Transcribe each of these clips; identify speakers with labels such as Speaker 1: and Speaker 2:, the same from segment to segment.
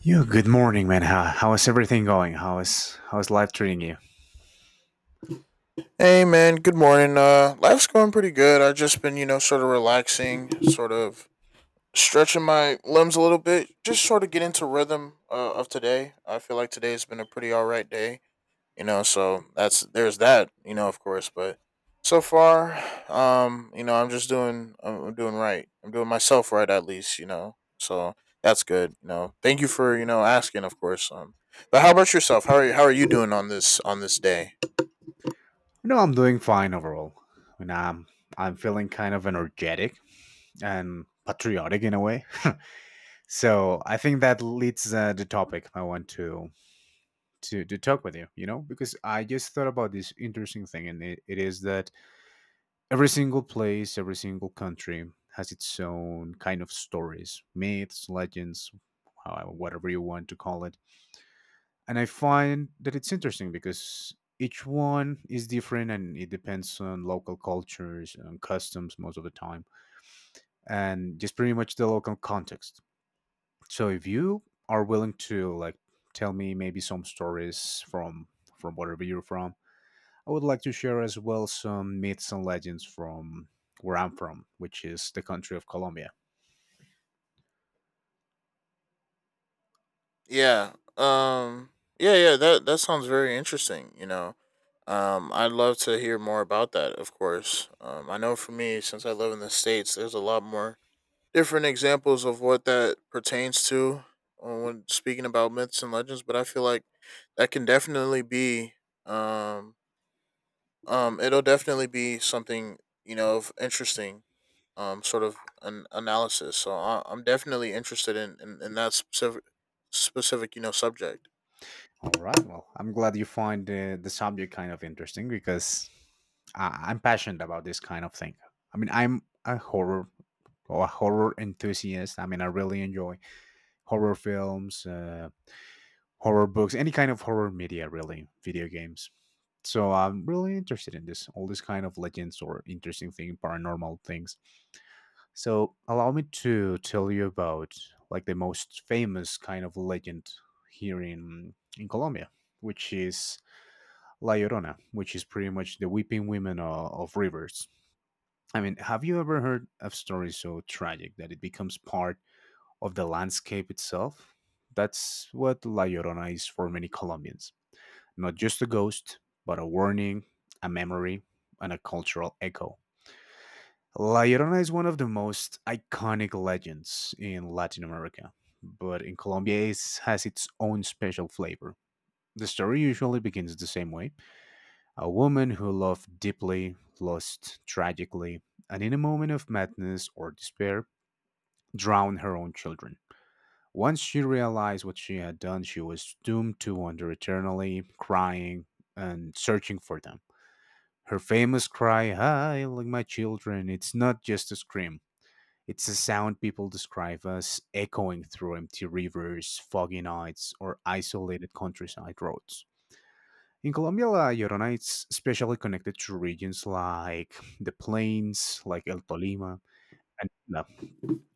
Speaker 1: Yo, good morning, man. How is everything going? How is life treating you?
Speaker 2: Hey man, good morning. Life's going pretty good. I've just been, sort of relaxing, sort of stretching my limbs a little bit, just sort of get into rhythm of today. I feel like today's been a pretty all right day. So that's there's that, of course. But so far, I'm just doing, I'm doing right. I'm doing myself right at least. So that's good. Thank you for asking, of course. But how about yourself? How are you? How are you doing on this day?
Speaker 1: You know, I'm doing fine overall. I mean, I'm feeling kind of energetic and patriotic in a way. So I think that leads the topic I want to talk with you. You know, because I just thought about this interesting thing, and it is that every single place, every single country has its own kind of stories, myths, legends, whatever you want to call it. And I find that it's interesting because each one is different and it depends on local cultures and customs most of the time, and just pretty much the local context. So if you are willing to, like, tell me maybe some stories from wherever you're from, I would like to share as well some myths and legends from where I'm from, which is the country of Colombia.
Speaker 2: Yeah. Yeah, yeah, that sounds very interesting. I'd love to hear more about that, of course. I know for me since I live in the states, there's a lot more different examples of what that pertains to when speaking about myths and legends, but I feel like that can definitely be um it'll definitely be something, of interesting sort of an analysis. So I'm definitely interested in that specific, subject.
Speaker 1: All right. Well, I'm glad you find the subject kind of interesting, because I'm passionate about this kind of thing. I mean, I'm a horror or a horror enthusiast. I mean, I really enjoy horror films, horror books, any kind of horror media, really, video games. So I'm really interested in this, all this kind of legends or interesting thing, paranormal things. So allow me to tell you about, like, the most famous kind of legend here in Colombia, which is La Llorona, which is pretty much the weeping women of rivers. I mean, have you ever heard of stories so tragic that it becomes part of the landscape itself? That's what La Llorona is for many Colombians. Not just a ghost, but a warning, a memory, and a cultural echo. La Llorona is one of the most iconic legends in Latin America, but in Colombia, it has its own special flavor. The story usually begins the same way. A woman who loved deeply, lost tragically, and in a moment of madness or despair, drowned her own children. Once she realized what she had done, she was doomed to wander eternally, crying and searching for them. Her famous cry, "I like my children," it's not just a scream. It's a sound people describe as echoing through empty rivers, foggy nights, or isolated countryside roads. In Colombia, la Llorona is especially connected to regions like the plains, like El Tolima, and Tula,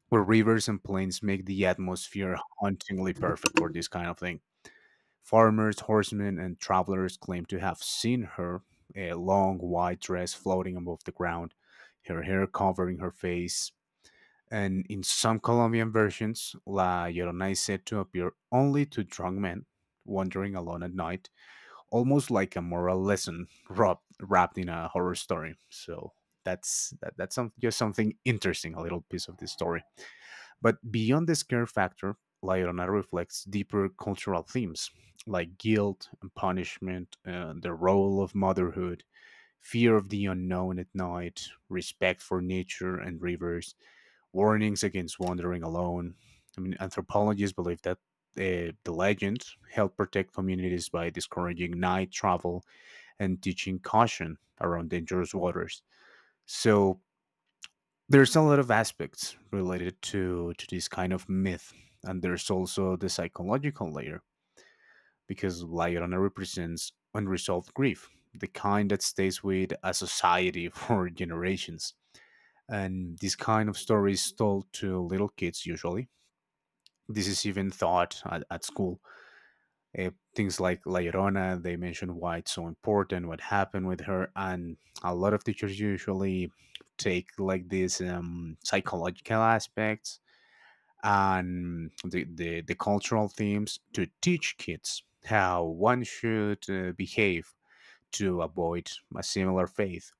Speaker 1: where rivers and plains make the atmosphere hauntingly perfect for this kind of thing. Farmers, horsemen, and travelers claim to have seen her, a long white dress floating above the ground, her hair covering her face. And in some Colombian versions, La Llorona is said to appear only to drunk men wandering alone at night, almost like a moral lesson wrapped in a horror story. So that's that, that's some, just something interesting, a little piece of this story. But beyond the scare factor, La Llorona reflects deeper cultural themes like guilt and punishment, the role of motherhood, fear of the unknown at night, respect for nature and rivers, warnings against wandering alone. I mean, anthropologists believe that the legend helped protect communities by discouraging night travel and teaching caution around dangerous waters. So there's a lot of aspects related to this kind of myth. And there's also the psychological layer, because Laiorana represents unresolved grief, the kind that stays with a society for generations. And this kind of story is told to little kids usually. This is even taught at school. Uh, Things like La Llorona, they mention why it's so important, what happened with her, and a lot of teachers usually take, like, these psychological aspects and the cultural themes to teach kids how one should behave to avoid a similar faith,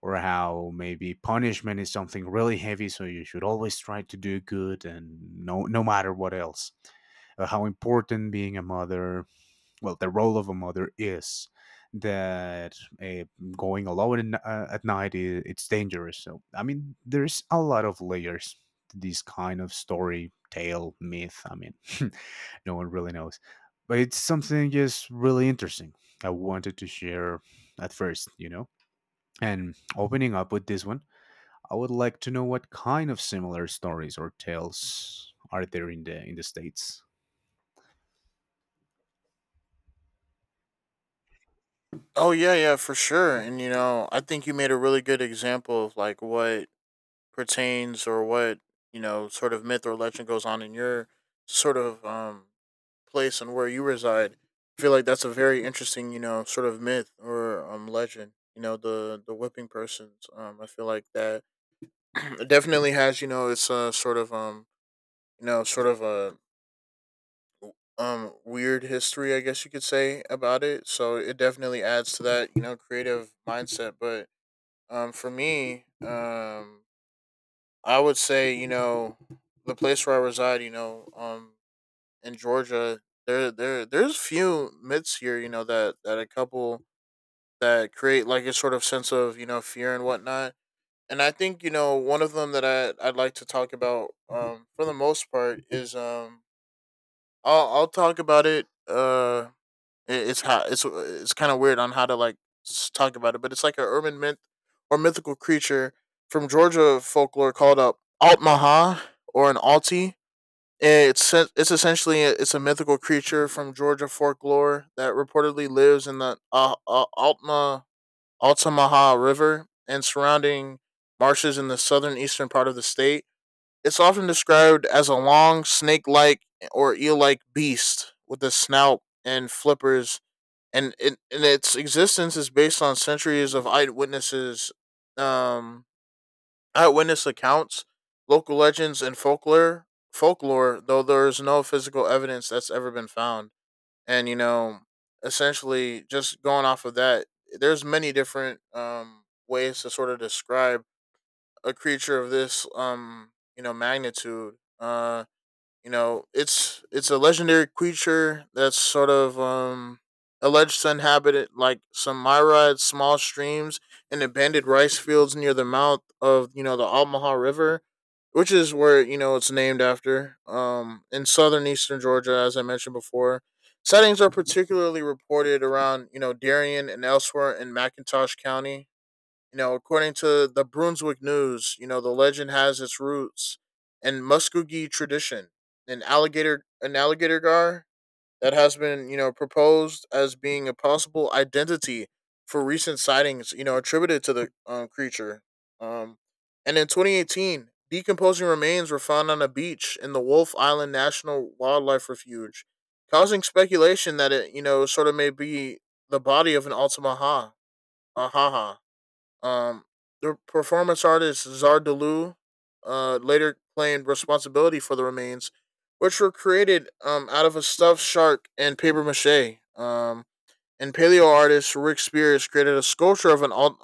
Speaker 1: or how maybe punishment is something really heavy, so you should always try to do good and no matter what else. How important being a mother, well, the role of a mother is that, uh, going alone at night is it's dangerous. So I mean there's a lot of layers to this kind of story, tale, myth. I mean, no one really knows, but it's something just really interesting I wanted to share at first, you know. And opening up with this one, I would like to know what kind of similar stories or tales are there in the states.
Speaker 2: Oh yeah, yeah, for sure. And I think you made a really good example of like what pertains or what, sort of myth or legend goes on in your sort of place and where you reside. I feel like that's a very interesting, sort of myth or legend, the whipping persons. I feel like that it definitely has, it's a sort of sort of a weird history, I guess you could say about it. So it definitely adds to that, creative mindset, but for me, I would say the place where I reside. In Georgia, there's few myths here. That a couple that create like a sort of sense of fear and whatnot. And I think one of them that I'd like to talk about for the most part is I'll talk about it. It's how it's kind of weird on how to like talk about it, but it's like an urban myth or mythical creature from Georgia folklore called a Altmaha or an Alti. It's essentially it's a mythical creature from Georgia folklore that reportedly lives in the Altma Altamaha River and surrounding marshes in the southern eastern part of the state. It's often described as a long snake-like or eel-like beast with a snout and flippers, and its existence is based on centuries of um, eyewitness accounts, local legends, and folklore, though there is no physical evidence that's ever been found. And essentially, just going off of that, there's many different ways to sort of describe a creature of this magnitude. It's a legendary creature that's sort of alleged to inhabit it, like some myriad small streams and abandoned rice fields near the mouth of the Altamaha River, which is where it's named after. In southern eastern Georgia, as I mentioned before, sightings are particularly reported around Darien and elsewhere in McIntosh County. You know, according to the Brunswick News, the legend has its roots in Muskogee tradition, an alligator gar that has been proposed as being a possible identity for recent sightings, attributed to the creature. Um, and in 2018, decomposing remains were found on a beach in the Wolf Island National Wildlife Refuge, causing speculation that it, sort of may be the body of an Altamaha. Ahaha. Um, the performance artist Zardaloo later claimed responsibility for the remains, which were created out of a stuffed shark and paper mache. And paleo artist Rick Spears created a sculpture of an Al-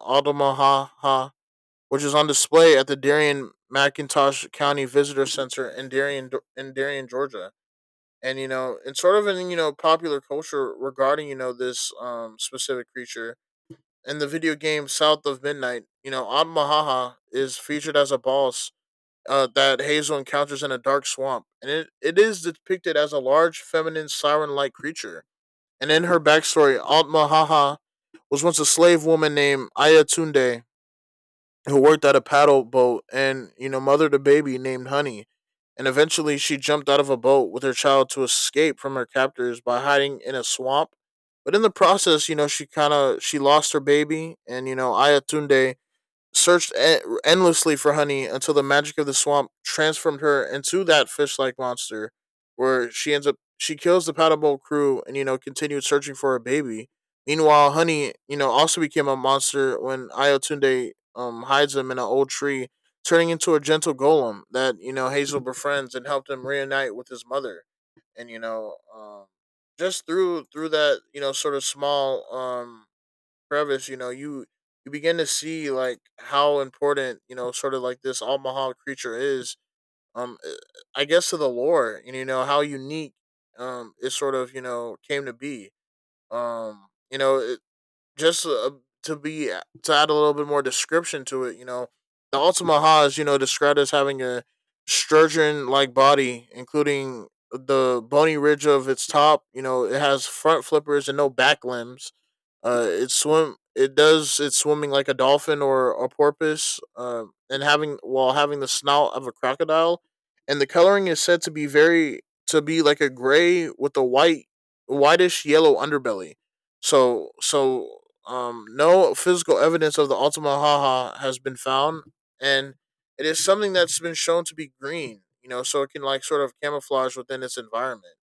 Speaker 2: which is on display at the Darien McIntosh County Visitor Center in Darien, Georgia. And it's sort of in popular culture regarding this specific creature in the video game South of Midnight, Ad Mahaha is featured as a boss that Hazel encounters in a dark swamp, and it is depicted as a large, feminine, siren like creature. And in her backstory, Alt Mahaha was once a slave woman named Ayatunde who worked at a paddle boat and mothered a baby named Honey. And eventually she jumped out of a boat with her child to escape from her captors by hiding in a swamp. But in the process, she kind of she lost her baby, and Ayatunde searched endlessly for Honey until the magic of the swamp transformed her into that fish-like monster, where she ends up she kills the paddleball crew and continued searching for her baby. Meanwhile, Honey also became a monster when Ayotunde hides him in an old tree, turning into a gentle golem that Hazel befriends and helped him reunite with his mother. And just through that sort of small crevice, you begin to see like how important sort of like this Omaha creature is. Um, uh, I guess to the lore, and you know how unique it sort of came to be. Um, you know, it, just uh, to add a little bit more description to it, the Altamaha is described as having a sturgeon like body, including the bony ridge of its top. You know, it has front flippers and no back limbs. It does. It's swimming like a dolphin or a porpoise. And having the snout of a crocodile, and the coloring is said to be like a gray with a whitish yellow underbelly. So no physical evidence of the Altamahaha has been found, and it is something that's been shown to be green. So it can like sort of camouflage within its environment.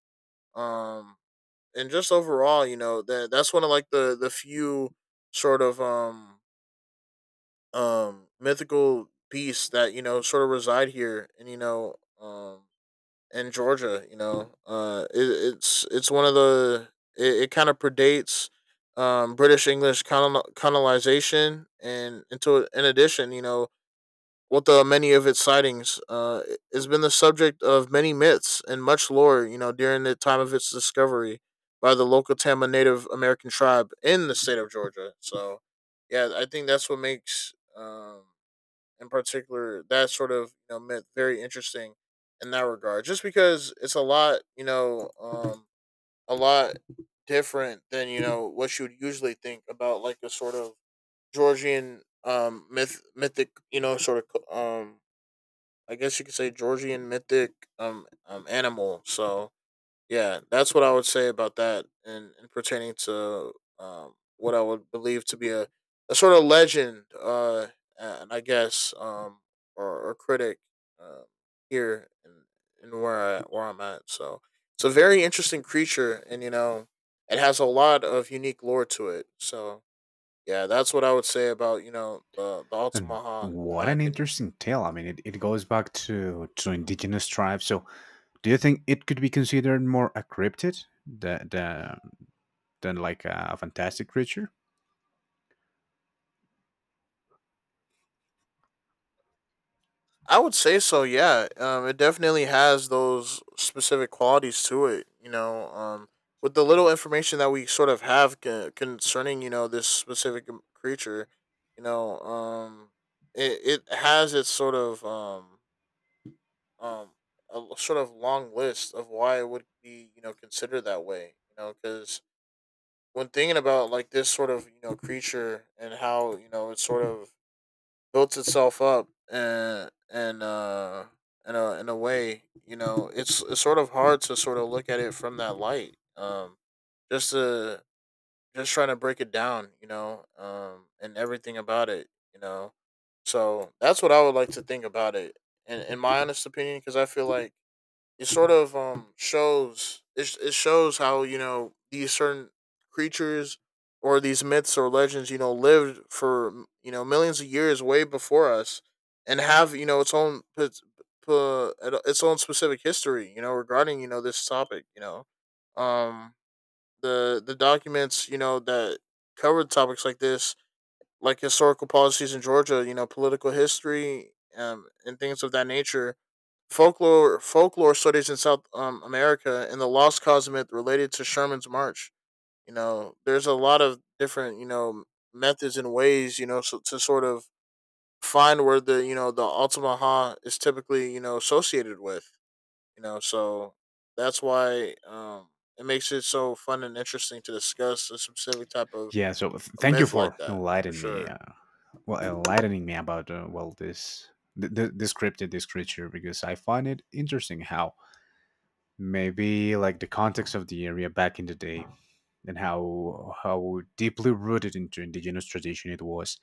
Speaker 2: Um, and just overall, that's one of like the few sort of mythical beasts that sort of reside here, and in Georgia. It's one of the, it kind of predates British English colonization, and until in addition, with the many of its sightings, it has been the subject of many myths and much lore. You know, during the time of its discovery by the local Tama Native American tribe in the state of Georgia. So, yeah, I think that's what makes, in particular, that sort of myth very interesting in that regard. Just because it's a lot different than what you would usually think about, like a sort of Georgian mythic I guess you could say Georgian mythic animal. So yeah, that's what I would say about that, and pertaining to what I would believe to be a sort of legend, and I guess or critic, uh, here and where I'm at. So it's a very interesting creature, and it has a lot of unique lore to it. So yeah, that's what I would say about the
Speaker 1: And
Speaker 2: Altamaha in
Speaker 1: what
Speaker 2: my
Speaker 1: an
Speaker 2: opinion.
Speaker 1: interesting tale. I mean, it goes back to indigenous tribes. So, do you think it could be considered more a cryptid than like a fantastic creature?
Speaker 2: I would say so. Yeah, it definitely has those specific qualities to it. With the little information that we sort of have concerning this specific creature, you know, um, it has its sort of um a l- sort of long list of why it would be considered that way. Because when thinking about like this sort of creature and how it's sort of built itself up and in a way, it's sort of hard to sort of look at it from that light. Just to just trying to break it down, and everything about it, you know. So that's what I would like to think about it in my honest opinion, because I feel like it sort of shows it shows how these certain creatures or these myths or legends lived for millions of years way before us, and have its own p- its own specific history regarding this topic. Um the documents that covered topics like this, like historical policies in Georgia, political history, and things of that nature. Folklore studies in South America, and the lost cause myth related to Sherman's march. There's a lot of different methods and ways, so, to sort of find where the Altamaha is typically associated with. So that's why, it makes it so fun and interesting to discuss a specific type of
Speaker 1: Yeah, so thank you
Speaker 2: myth like
Speaker 1: for
Speaker 2: that for
Speaker 1: enlightening me.
Speaker 2: sure.
Speaker 1: Well, enlightening me about well, this this cryptid, this creature, because I find it interesting how maybe, like, the context of the area back in the day and how deeply rooted into indigenous tradition it was,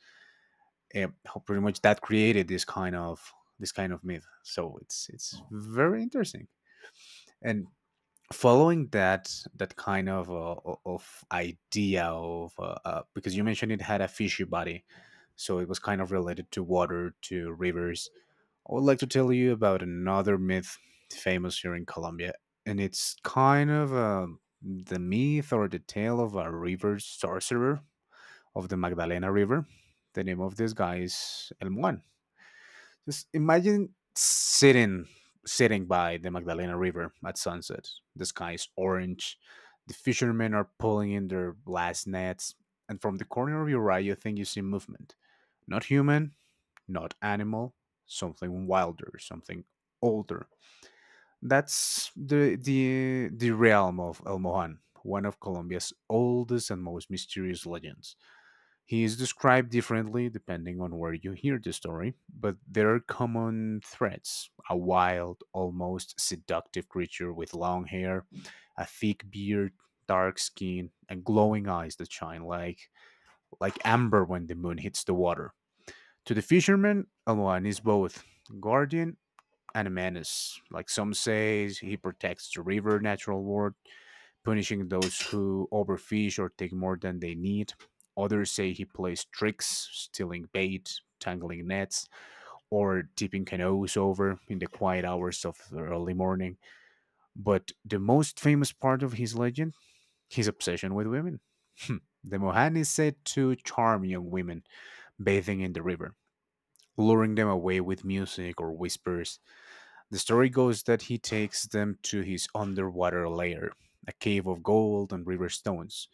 Speaker 1: and how pretty much that created this kind of myth. So it's very interesting. And following that kind of of idea of because you mentioned it had a fishy body, so it was kind of related to water, to rivers. I would like to tell you about another myth famous here in Colombia, and it's kind of the myth or the tale of a river sorcerer of the Magdalena River. The name of this guy is El Muan. Just imagine sitting by the Magdalena River at sunset. The sky is orange. The fishermen are pulling in their last nets, and from the corner of your eye, you think you see movement. Not human, not animal, something wilder, something older. That's the realm of El Mohan, one of Colombia's oldest and most mysterious legends. He is described differently depending on where you hear the story, but there are common threads: a wild, almost seductive creature with long hair, a thick beard, dark skin, and glowing eyes that shine like amber when the moon hits the water. To the fisherman, Aloan is both guardian and a menace. Like, some say he protects the river natural world, punishing those who overfish or take more than they need. Others say he plays tricks, stealing bait, tangling nets, or tipping canoes over in the quiet hours of the early morning. But the most famous part of his legend, his obsession with women. The Mohan is said to charm young women bathing in the river, luring them away with music or whispers. The story goes that he takes them to his underwater lair, a cave of gold and river stones,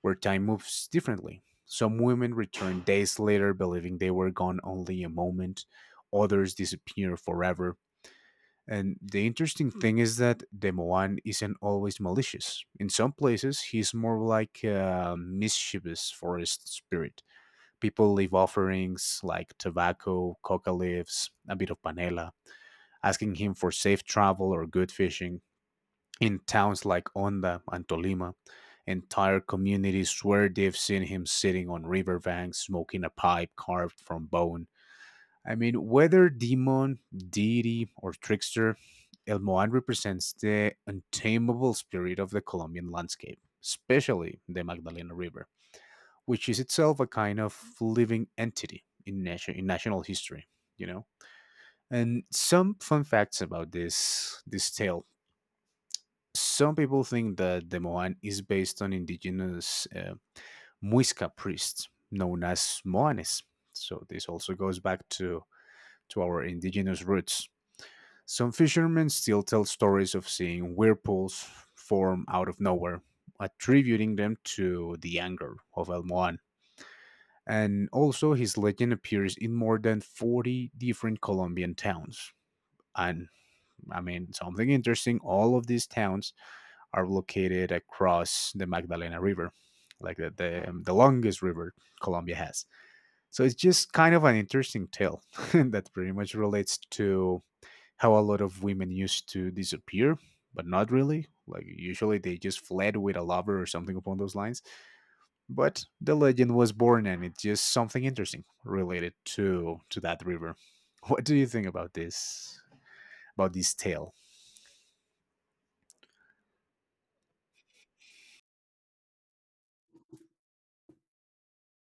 Speaker 1: where time moves differently. Some women return days later believing they were gone only a moment, others disappear forever. And the interesting thing is that the Moan isn't always malicious. In some places, he's more like a mischievous forest spirit. People leave offerings like tobacco, coca leaves, a bit of panela, asking him for safe travel or good fishing. In towns like Onda and Tolima, entire communities swear they've seen him sitting on riverbanks smoking a pipe carved from bone. I mean, whether demon, deity, or trickster, El Moan represents the untamable spirit of the Colombian landscape, especially the Magdalena River, which is itself a kind of living entity in national history, you know. And some fun facts about this tale. Some people think that the Moan is based on indigenous Muisca priests known as Moanes. So this also goes back to our indigenous roots. Some fishermen still tell stories of seeing whirlpools form out of nowhere, attributing them to the anger of El Moan. And also his legend appears in more than 40 different Colombian towns. And I mean, something interesting, all of these towns are located across the Magdalena River, like the longest river Colombia has. So it's just kind of an interesting tale that pretty much relates to how a lot of women used to disappear, but not really. Like, usually they just fled with a lover or something upon those lines. But the legend was born, and it's just something interesting related to that river. What do you think about this? About this tale?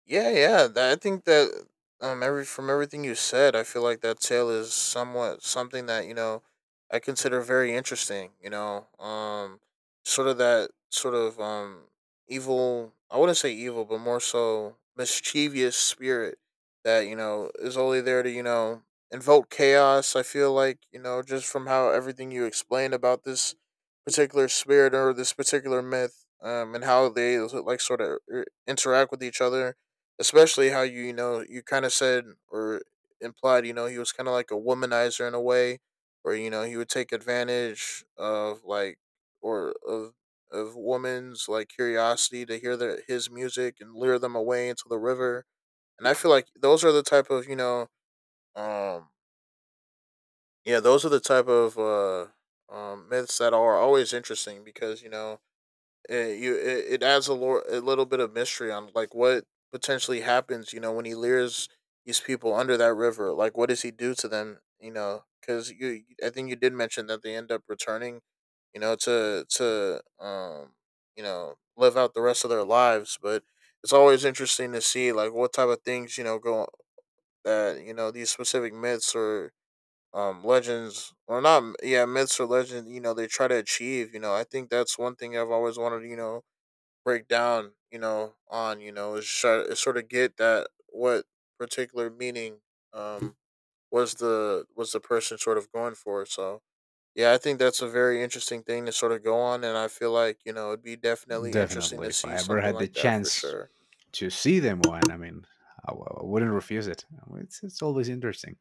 Speaker 2: Yeah, yeah. That I think that everything you said, I feel like that tale is somewhat something that I consider very interesting. Sort of that sort of evil. I wouldn't say evil, but more so mischievous spirit that is only there to invoke chaos. I feel like just from how everything you explained about this particular spirit or this particular myth, and how they like sort of interact with each other, especially how you you know you kind of said or implied he was kind of like a womanizer in a way, where he would take advantage of like or of women's like curiosity to hear their his music and lure them away into the river. And I feel like those are the type of um yeah those are the type of myths that are always interesting, because it adds a little bit of mystery on like what potentially happens when he leers these people under that river, like what does he do to them, because you I think you did mention that they end up returning to to live out the rest of their lives, but it's always interesting to see like what type of things go, that these specific myths or legends, or not, yeah, myths or legends, they try to achieve. I think that's one thing I've always wanted, break down, is try is sort of get that, what particular meaning um was the person sort of going for. So yeah, I think that's a very interesting thing to sort of go on, and I feel like, it'd be definitely interesting
Speaker 1: Definitely,
Speaker 2: to
Speaker 1: if
Speaker 2: see
Speaker 1: I ever
Speaker 2: something
Speaker 1: had the
Speaker 2: like that for
Speaker 1: chance
Speaker 2: sure.
Speaker 1: to see them one, I mean, I wouldn't refuse it. I mean, It's always interesting.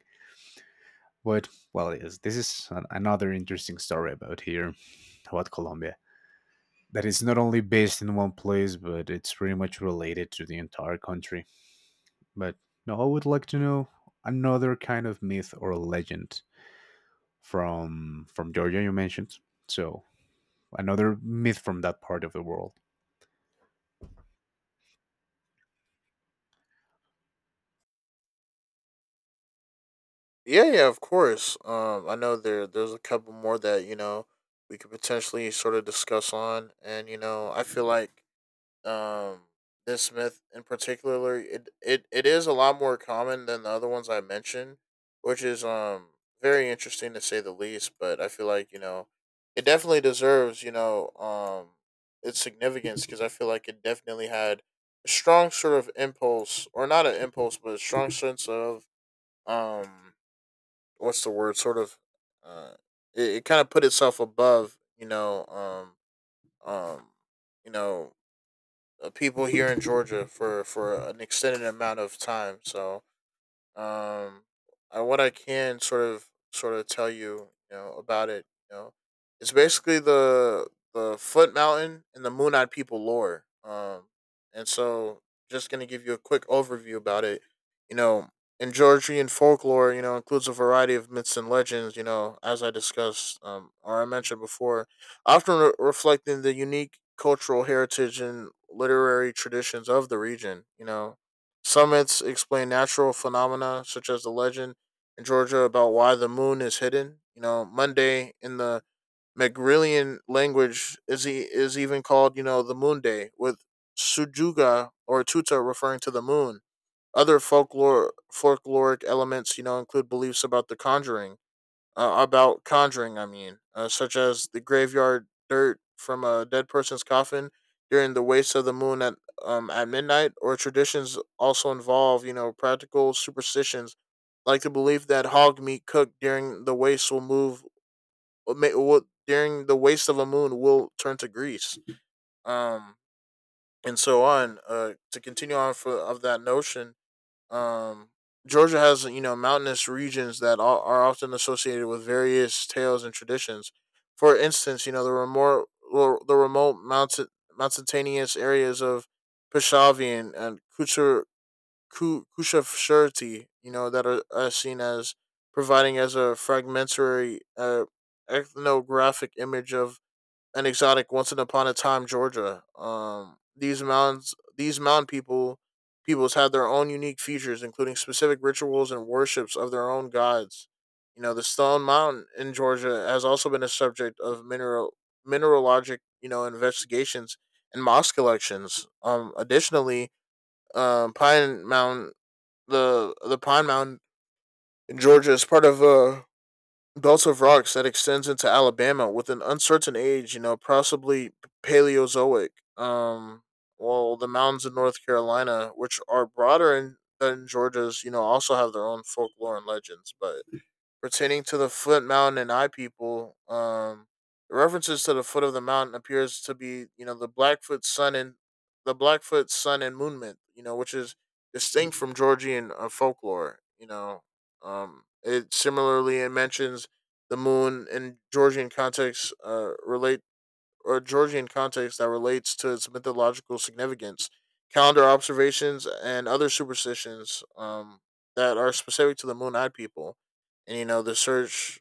Speaker 1: But, well, yes, this is another interesting story about here, about Colombia, that is not only based in one place, but it's pretty much related to the entire country. But no, I would like to know another kind of myth or legend from Georgia you mentioned. So another myth from that part of the world.
Speaker 2: Yeah, yeah, of course. I know there's a couple more that, we could potentially sort of discuss on, and I feel like um this myth in particular, it is a lot more common than the other ones I mentioned, which is very interesting to say the least. But I feel like it definitely deserves, its significance, because I feel like it definitely had a strong sort of impulse, or not an impulse, but a strong sense of um what's the word, sort of uh it, it kind of put itself above, um um you know people here in Georgia for an extended amount of time. So um, what I can sort of tell you, about it, you know, it's basically the Foot Mountain and the Moon Eyed People lore. And so, just gonna give you a quick overview about it. You know, in Georgian folklore, includes a variety of myths and legends. As I discussed, or I mentioned before, often reflecting the unique cultural heritage and literary traditions of the region. Summits explain natural phenomena, such as the legend in Georgia about why the moon is hidden. Monday in the Megrelian language is is even called, the moon day, with Sujuga or Tuta referring to the moon. Other folklore folkloric elements, include beliefs about the conjuring, about conjuring, I mean, such as the graveyard dirt from a dead person's coffin during the waste of the moon at midnight, or traditions also involve, practical superstitions like the belief that hog meat cooked during the waste of a moon will turn to grease, um, and so on. To continue on for of that notion, um, Georgia has mountainous regions that are often associated with various tales and traditions. For instance, the remote mountainous areas of Peshavian and Kushafshurti, that are seen as providing as a fragmentary ethnographic image of an exotic once upon a time Georgia. These mounds, these mound people, peoples had their own unique features, including specific rituals and worships of their own gods. The Stone Mountain in Georgia has also been a subject of mineralogic, investigations and moss collections. Additionally, Pine Mountain, the Pine Mountain in Georgia is part of a belt of rocks that extends into Alabama with an uncertain age, possibly Paleozoic. Um, well, the mountains in North Carolina, which are broader than Georgia's, also have their own folklore and legends. But pertaining to the Foot Mountain and Eye People, the references to the foot of the mountain appears to be, the Blackfoot Sun and Moon myth, which is distinct from Georgian folklore. It similarly it mentions the moon in Georgian context, that relates to its mythological significance, calendar observations, and other superstitions, that are specific to the Moon Eyed people. And the search,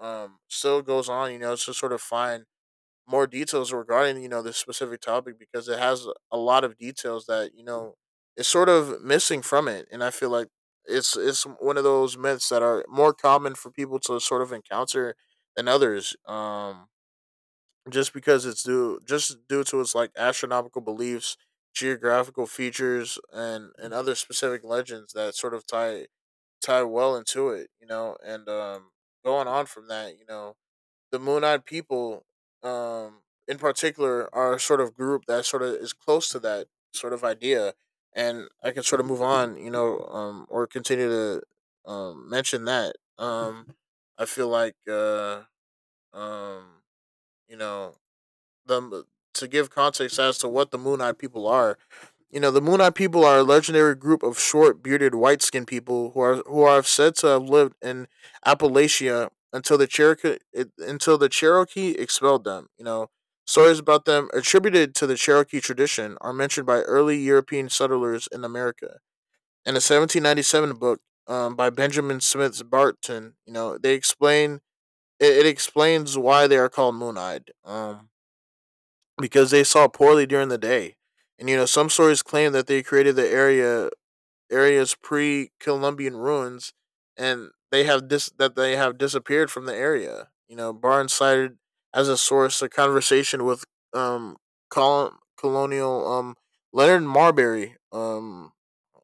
Speaker 2: still goes on. To sort of find more details regarding this specific topic, because it has a lot of details that is sort of missing from it. And I feel like it's one of those myths that are more common for people to sort of encounter than others. Just because it's due just due to its like astronomical beliefs, geographical features, and other specific legends that sort of tie well into it, And going on from that, the Moon Eyed people, in particular, are a sort of group that sort of is close to that sort of idea. And I can sort of move on, or continue to mention that. I feel like, um, you know, the to give context as to what the Moon Eyed people are. The Moon Eyed people are a legendary group of short, bearded, white skinned people who are said to have lived in Appalachia until the Cherokee expelled them. Stories about them attributed to the Cherokee tradition are mentioned by early European settlers in America. In a 1797 book, by Benjamin Smith Barton, it explains why they are called Moon Eyed, because they saw poorly during the day. And some stories claim that they created the area's pre-Columbian ruins, and they have disappeared from the area. Barnes cited as a source a conversation with um colonial, Leonard Marbury,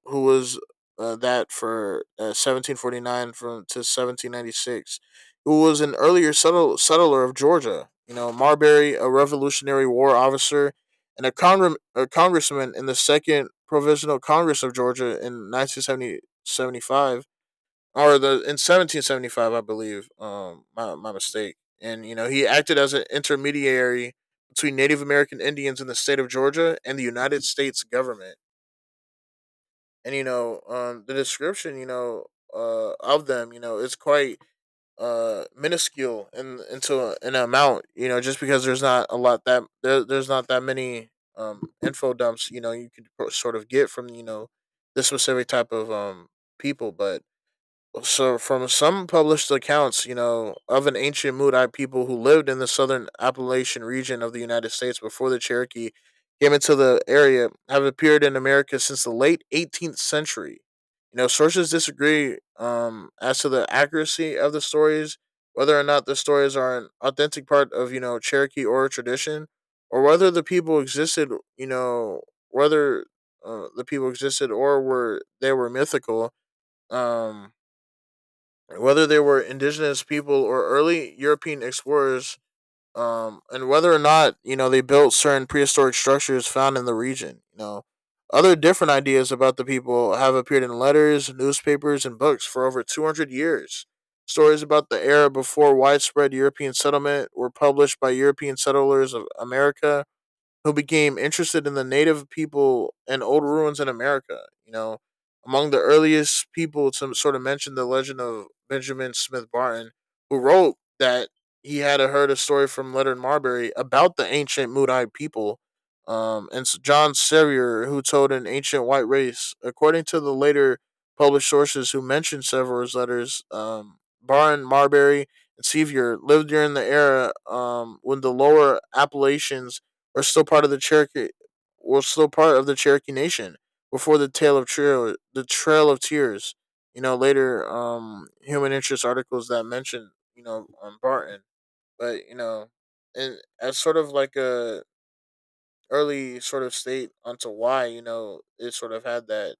Speaker 2: who was, that for 1749 from to 1796, who was an earlier settler of Georgia. Marbury, a Revolutionary War officer and a congressman in the Second Provisional Congress of Georgia in 1975, or the in 1775, I believe. My mistake. And he acted as an intermediary between Native American Indians in the state of Georgia and the United States government, and the description, of them, is quite, minuscule in into an amount, just because there's not a lot that, there's not that many info dumps you could sort of get from this specific type of people. But so, from some published accounts, of an ancient Moodite people who lived in the southern Appalachian region of the United States before the Cherokee came into the area, have appeared in America since the late 18th century. Sources disagree, as to the accuracy of the stories, whether or not the stories are an authentic part of, Cherokee oral tradition, or whether the people existed, you know, whether the people existed or were they were mythical. Um, Whether they were indigenous people or early European explorers, and whether or not they built certain prehistoric structures found in the region. Other different ideas about the people have appeared in letters, newspapers, and books for over 200 years. Stories about the era before widespread European settlement were published by European settlers of America who became interested in the native people and old ruins in America. Among the earliest people to sort of mention the legend of Benjamin Smith Barton, who wrote that he had heard a story from Leonard Marbury about the ancient Moodai people. And John Sevier, who told an ancient white race, according to the later published sources who mentioned Sever's letters, Barton, Marbury, and Sevier lived during the era when the lower Appalachians were still part of the Cherokee were still part of the Cherokee Nation before the tale of trail the Trail of Tears. Later, human interest articles that mentioned Barton, but you know, and as sort of like a early sort of state onto why it sort of had that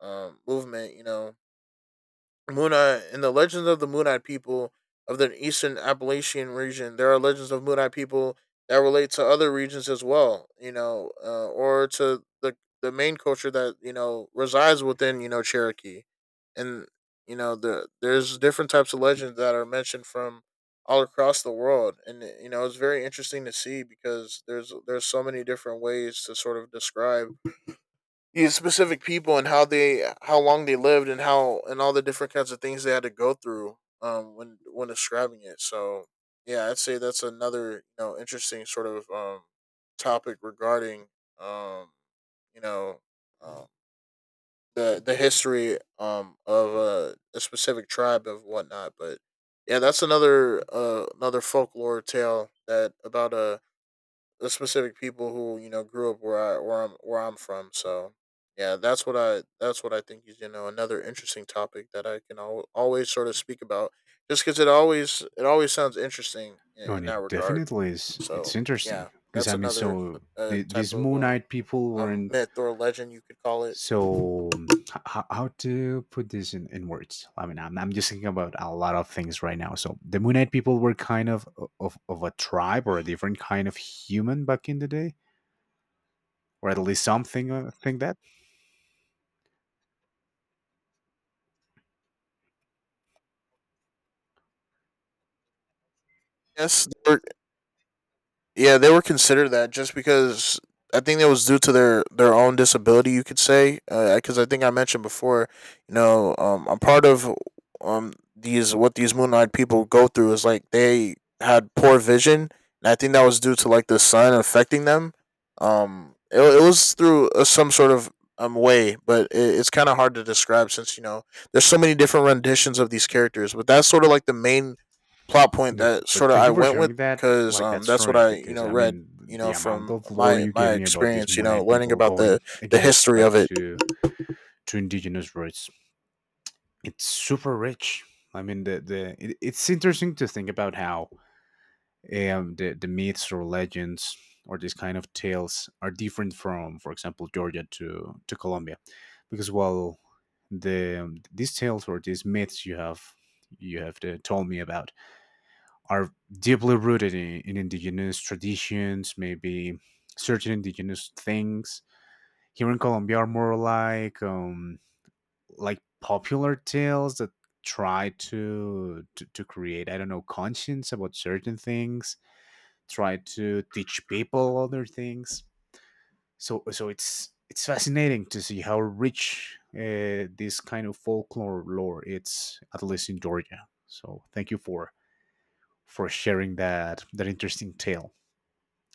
Speaker 2: movement. Moon Eye, in the legends of the Moon Eye people of the Eastern Appalachian region, there are legends of Moon Eye people that relate to other regions as well, or to the main culture that resides within Cherokee, and there's different types of legends that are mentioned from all across the world, and it's very interesting to see because there's so many different ways to sort of describe these specific people and how long they lived and how and all the different kinds of things they had to go through when describing it. So yeah, I'd say that's another interesting sort of topic regarding um you know um, the history of a specific tribe of whatnot. But yeah, that's another another folklore tale that about a the specific people who grew up where I where I'm from. So yeah, that's what I think is another interesting topic that I can always sort of speak about, just because it always sounds interesting
Speaker 1: No,
Speaker 2: in
Speaker 1: and it
Speaker 2: that regard.
Speaker 1: definitely is. It's
Speaker 2: So
Speaker 1: interesting
Speaker 2: yeah,
Speaker 1: because, I
Speaker 2: that's
Speaker 1: mean,
Speaker 2: another
Speaker 1: so
Speaker 2: type
Speaker 1: these
Speaker 2: of
Speaker 1: Moonite people weren't,
Speaker 2: myth or legend, you could call it.
Speaker 1: so how to put this in words. I mean, I'm just thinking about a lot of things right now. So the Moonite people were kind of of a tribe or a different kind of human back in the day, or at least something think that.
Speaker 2: Yes, there Yeah, they were considered that just because I think that was due to their own disability, you could say. Because I think I mentioned before, a part of these, what these moon eyed people go through, is like they had poor vision, and I think that was due to like the sun affecting them. It was through some sort of way, but it, it's kind of hard to describe since there's so many different renditions of these characters. But that's sort of like the main plot point
Speaker 1: no
Speaker 2: that
Speaker 1: but thank
Speaker 2: I
Speaker 1: you for
Speaker 2: went with,
Speaker 1: sharing that,
Speaker 2: because
Speaker 1: like, that
Speaker 2: that's what
Speaker 1: story,
Speaker 2: I
Speaker 1: because I
Speaker 2: read
Speaker 1: mean, the amount
Speaker 2: from
Speaker 1: of lore
Speaker 2: my
Speaker 1: you gave me about these
Speaker 2: experience
Speaker 1: moon knight
Speaker 2: learning
Speaker 1: people,
Speaker 2: about
Speaker 1: going
Speaker 2: the
Speaker 1: again
Speaker 2: history
Speaker 1: back
Speaker 2: of it.
Speaker 1: to indigenous roots, it's super rich. I mean, it's interesting to think about how the myths or legends or these kind of tales are different from, for example, Georgia to Colombia. Because while these tales or these myths you have told me about are deeply rooted in indigenous traditions, maybe certain indigenous things. Here in Colombia, are more like popular tales that try to create, I don't know, conscience about certain things, try to teach people other things. So it's fascinating to see how rich this kind of folklore lore it's, at least in Georgia. So thank you for sharing that interesting tale.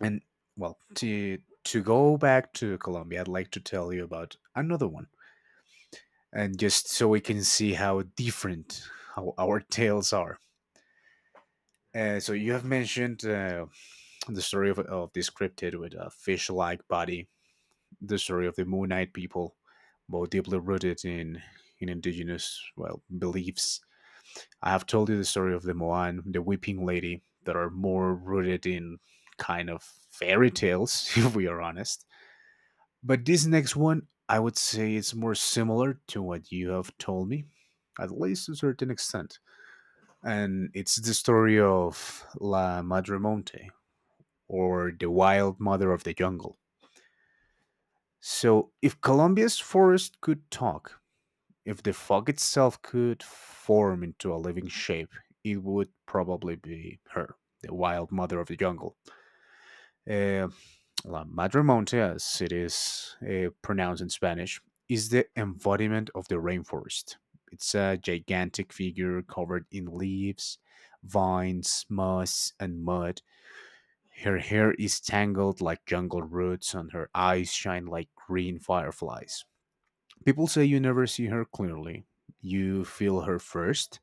Speaker 1: And, well, to go back to Colombia, I'd like to tell you about another one, and just so we can see how different how our tales are. So you have mentioned the story of this cryptid with a fish-like body, the story of the Moon Knight people, both deeply rooted in indigenous, well, beliefs. I have told you the story of the Moan, the Weeping Lady, that are more rooted in kind of fairy tales, if we are honest. But this next one, I would say it's more similar to what you have told me, at least to a certain extent. And it's the story of La Madre Monte, or the wild mother of the jungle. So, if Colombia's forest could talk, if the fog itself could form into a living shape, it would probably be her, the wild mother of the jungle. Uh, La Madre Madremonte, as it is pronounced in Spanish, is the embodiment of the rainforest. It's a gigantic figure covered in leaves, vines, moss, and mud. Her hair is tangled like jungle roots, and her eyes shine like green fireflies. People say you never see her clearly. You feel her first,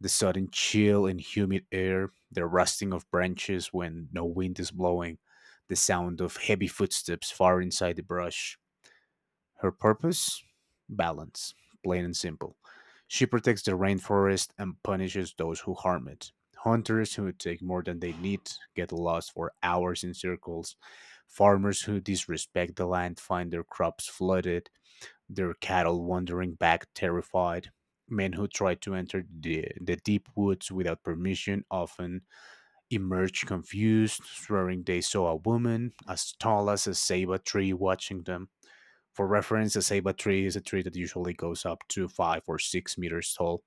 Speaker 1: the sudden chill and humid air, the rustling of branches when no wind is blowing, the sound of heavy footsteps far inside the brush. Her purpose? Balance, plain and simple. She protects the rainforest and punishes those who harm it. Hunters who take more than they need get lost for hours in circles. Farmers who disrespect the land find their crops flooded, their cattle wandering back terrified. Men who try to enter the deep woods without permission often emerge confused, swearing they saw a woman as tall as a ceiba tree watching them. For reference, a ceiba tree is a tree that usually goes up to 5 or 6 meters tall.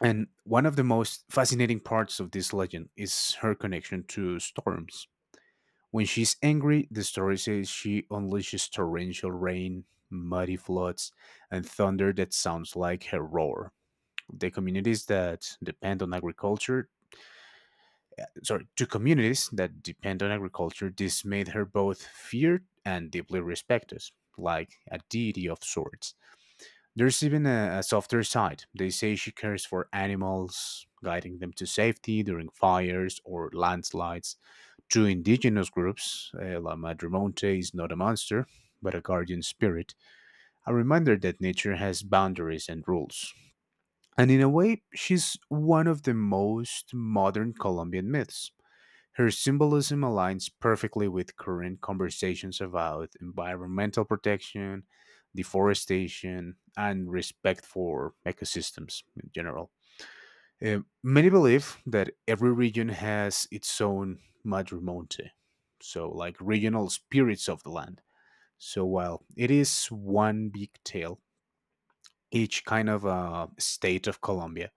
Speaker 1: And one of the most fascinating parts of this legend is her connection to storms. When she's angry, the story says she unleashes torrential rain, muddy floods, and thunder that sounds like her roar. The communities that depend on agriculture, sorry, to communities that depend on agriculture, this made her both feared and deeply respected, like a deity of sorts. There's even a softer side. They say she cares for animals, guiding them to safety during fires or landslides. To indigenous groups, La Madremonte is not a monster, but a guardian spirit, a reminder that nature has boundaries and rules. And in a way, she's one of the most modern Colombian myths. Her symbolism aligns perfectly with current conversations about environmental protection, deforestation, and respect for ecosystems in general. Many believe that every region has its own madrimonte, so like regional spirits of the land. So while it is one big tale, each kind of state of Colombia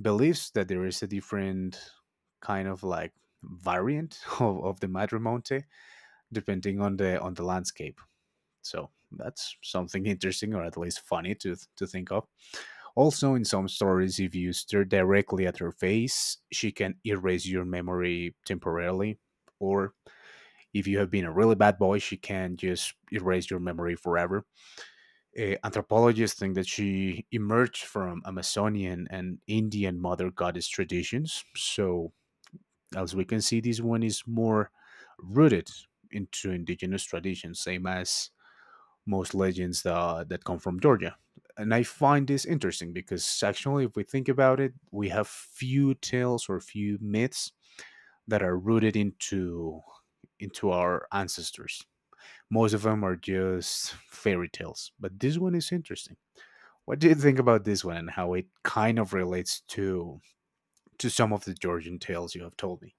Speaker 1: believes that there is a different kind of like variant of the madrimonte, depending on the landscape. So that's something interesting, or at least funny to think of. Also, in some stories, if you stare directly at her face, she can erase your memory temporarily. Or if you have been a really bad boy, she can just erase your memory forever. Anthropologists think that she emerged from Amazonian and Indian mother goddess traditions. So, as we can see, this one is more rooted into indigenous traditions, same as most legends that come from Georgia. And I find this interesting because, actually, if we think about it, we have few tales or few myths that are rooted into our ancestors. Most of them are just fairy tales, but this one is interesting. What do you think about this one and how it kind of relates to some of the Georgian tales you have told me?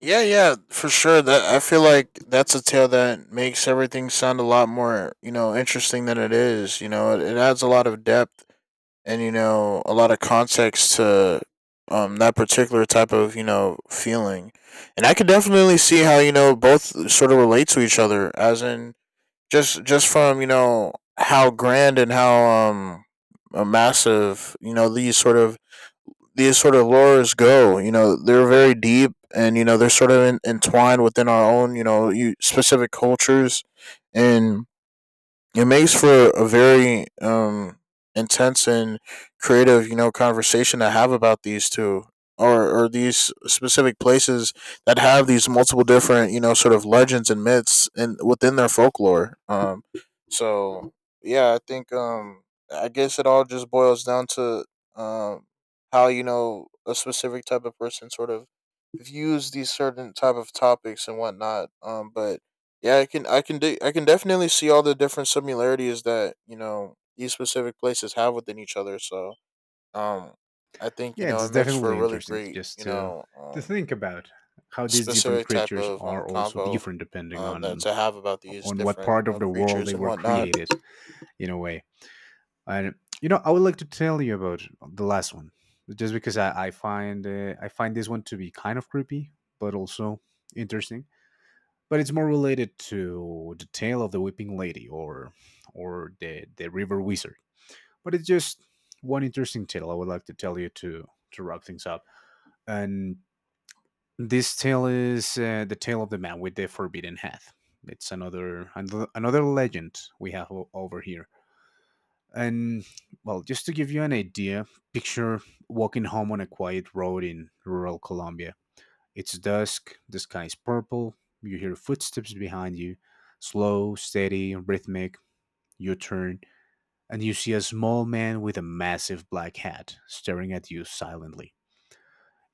Speaker 2: Yeah, yeah, for sure. That I feel like that's a tale that makes everything sound a lot more interesting than it is. It adds a lot of depth and a lot of context to that particular type of feeling, and I could definitely see how both sort of relate to each other, as in just from how grand and how massive these sort of lures go. You know, they're very deep, and they're sort of entwined within our own, you know you specific cultures, and it makes for a very intense and creative conversation to have about these two, or these specific places that have these multiple different, sort of legends and myths and within their folklore. So yeah, I think I guess it all just boils down to um how a specific type of person sort of views these certain type of topics and whatnot. But yeah, I can definitely see all the different similarities that, these specific places have within each other. So, um I think,
Speaker 1: Yeah,
Speaker 2: it
Speaker 1: it's
Speaker 2: makes for a
Speaker 1: definitely
Speaker 2: really
Speaker 1: interesting
Speaker 2: great,
Speaker 1: just to to think about how these different
Speaker 2: specific type
Speaker 1: creatures
Speaker 2: of
Speaker 1: are also
Speaker 2: convo
Speaker 1: different depending
Speaker 2: that
Speaker 1: on
Speaker 2: to have about these
Speaker 1: on what
Speaker 2: different,
Speaker 1: part of the world they
Speaker 2: creatures and
Speaker 1: were
Speaker 2: whatnot.
Speaker 1: created, in a way. And you know, I would like to tell you about the last one, just because I find this one to be kind of creepy, but also interesting. But it's more related to the tale of the Weeping Lady, or the River Wizard. But it's just one interesting tale I would like to tell you to wrap things up. And this tale is the tale of the man with the forbidden hat. It's another legend we have over here. And, well, just to give you an idea, picture walking home on a quiet road in rural Colombia. It's dusk, the sky is purple, you hear footsteps behind you, slow, steady, rhythmic. You turn, and you see a small man with a massive black hat staring at you silently.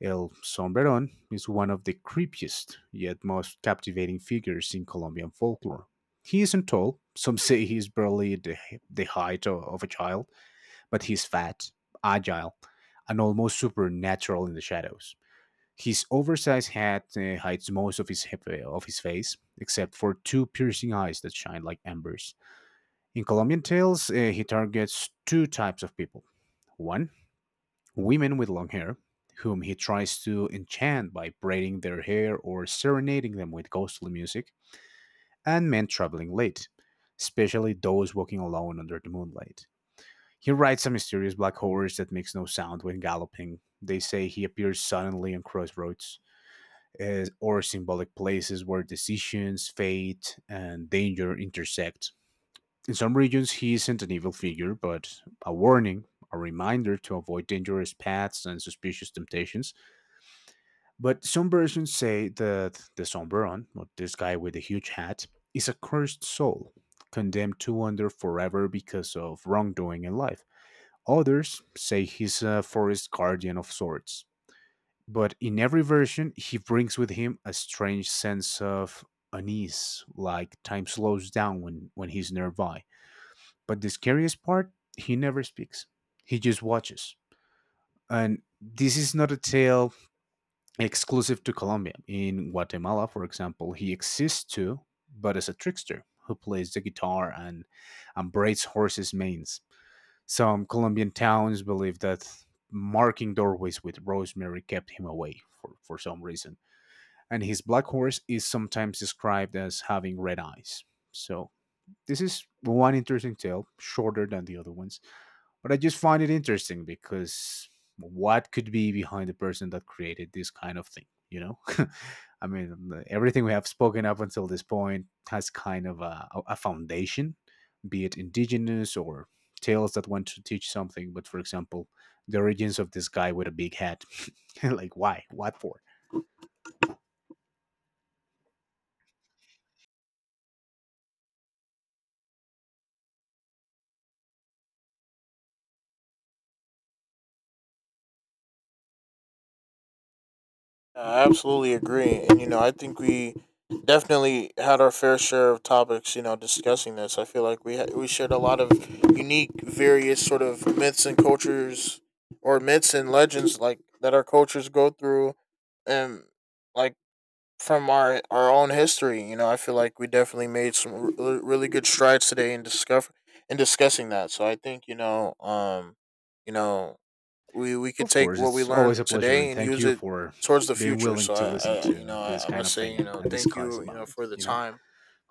Speaker 1: El Sombrerón is one of the creepiest yet most captivating figures in Colombian folklore. He isn't tall, some say he's barely the height of a child, but he's fat, agile, and almost supernatural in the shadows. His oversized hat hides most of his face, except for two piercing eyes that shine like embers. In Colombian tales, he targets two types of people: one, women with long hair, whom he tries to enchant by braiding their hair or serenading them with ghostly music, and men traveling late, especially those walking alone under the moonlight. He rides a mysterious black horse that makes no sound when galloping. They say he appears suddenly on crossroads, or symbolic places where decisions, fate, and danger intersect. In some regions, he isn't an evil figure, but a warning, a reminder to avoid dangerous paths and suspicious temptations. But some versions say that the Somberon, or this guy with the huge hat, is a cursed soul, condemned to wander forever because of wrongdoing in life. Others say he's a forest guardian of sorts, but in every version, he brings with him a strange sense of unease, like time slows down when he's nearby. But the scariest part, he never speaks, he just watches. And this is not a tale exclusive to Colombia. In Guatemala, for example, he exists too, but as a trickster who plays the guitar and braids horses' manes. Some Colombian towns believe that marking doorways with rosemary kept him away for some reason. And his black horse is sometimes described as having red eyes. So, this is one interesting tale, shorter than the other ones. But I just find it interesting because what could be behind the person that created this kind of thing? You know, I mean, everything we have spoken up until this point has kind of a foundation, be it indigenous or tales that want to teach something. But for example, the origins of this guy with a big hat, like, why? What for?
Speaker 2: I absolutely agree. And, I think we definitely had our fair share of topics, discussing this. I feel like we shared a lot of unique, various sort of myths and cultures, or myths and legends like that our cultures go through, and like from our own history. You know, I feel like we definitely made some really good strides today in discover in discussing that. So I think, you know, we could
Speaker 1: Of
Speaker 2: take
Speaker 1: course,
Speaker 2: what we
Speaker 1: it's always a
Speaker 2: learned
Speaker 1: pleasure, and
Speaker 2: today and
Speaker 1: thank
Speaker 2: use
Speaker 1: you
Speaker 2: it
Speaker 1: for
Speaker 2: towards the
Speaker 1: being
Speaker 2: future.
Speaker 1: willing
Speaker 2: So,
Speaker 1: to listen
Speaker 2: I,
Speaker 1: to this kind
Speaker 2: must
Speaker 1: of
Speaker 2: say,
Speaker 1: thing, and, and
Speaker 2: thank
Speaker 1: discuss
Speaker 2: you, you
Speaker 1: about
Speaker 2: know,
Speaker 1: it.
Speaker 2: for the
Speaker 1: You know,
Speaker 2: time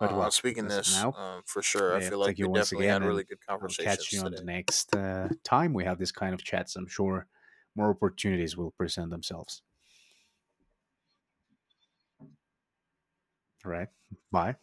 Speaker 2: on
Speaker 1: well,
Speaker 2: speaking
Speaker 1: as of
Speaker 2: this,
Speaker 1: now,
Speaker 2: for sure. I
Speaker 1: yeah,
Speaker 2: feel like
Speaker 1: thank
Speaker 2: we
Speaker 1: you once
Speaker 2: definitely
Speaker 1: again,
Speaker 2: had
Speaker 1: and
Speaker 2: really good
Speaker 1: I'll catch
Speaker 2: conversations
Speaker 1: you on the
Speaker 2: today.
Speaker 1: next time we have this kind of chats. I'm sure more opportunities will present themselves. All right. Bye.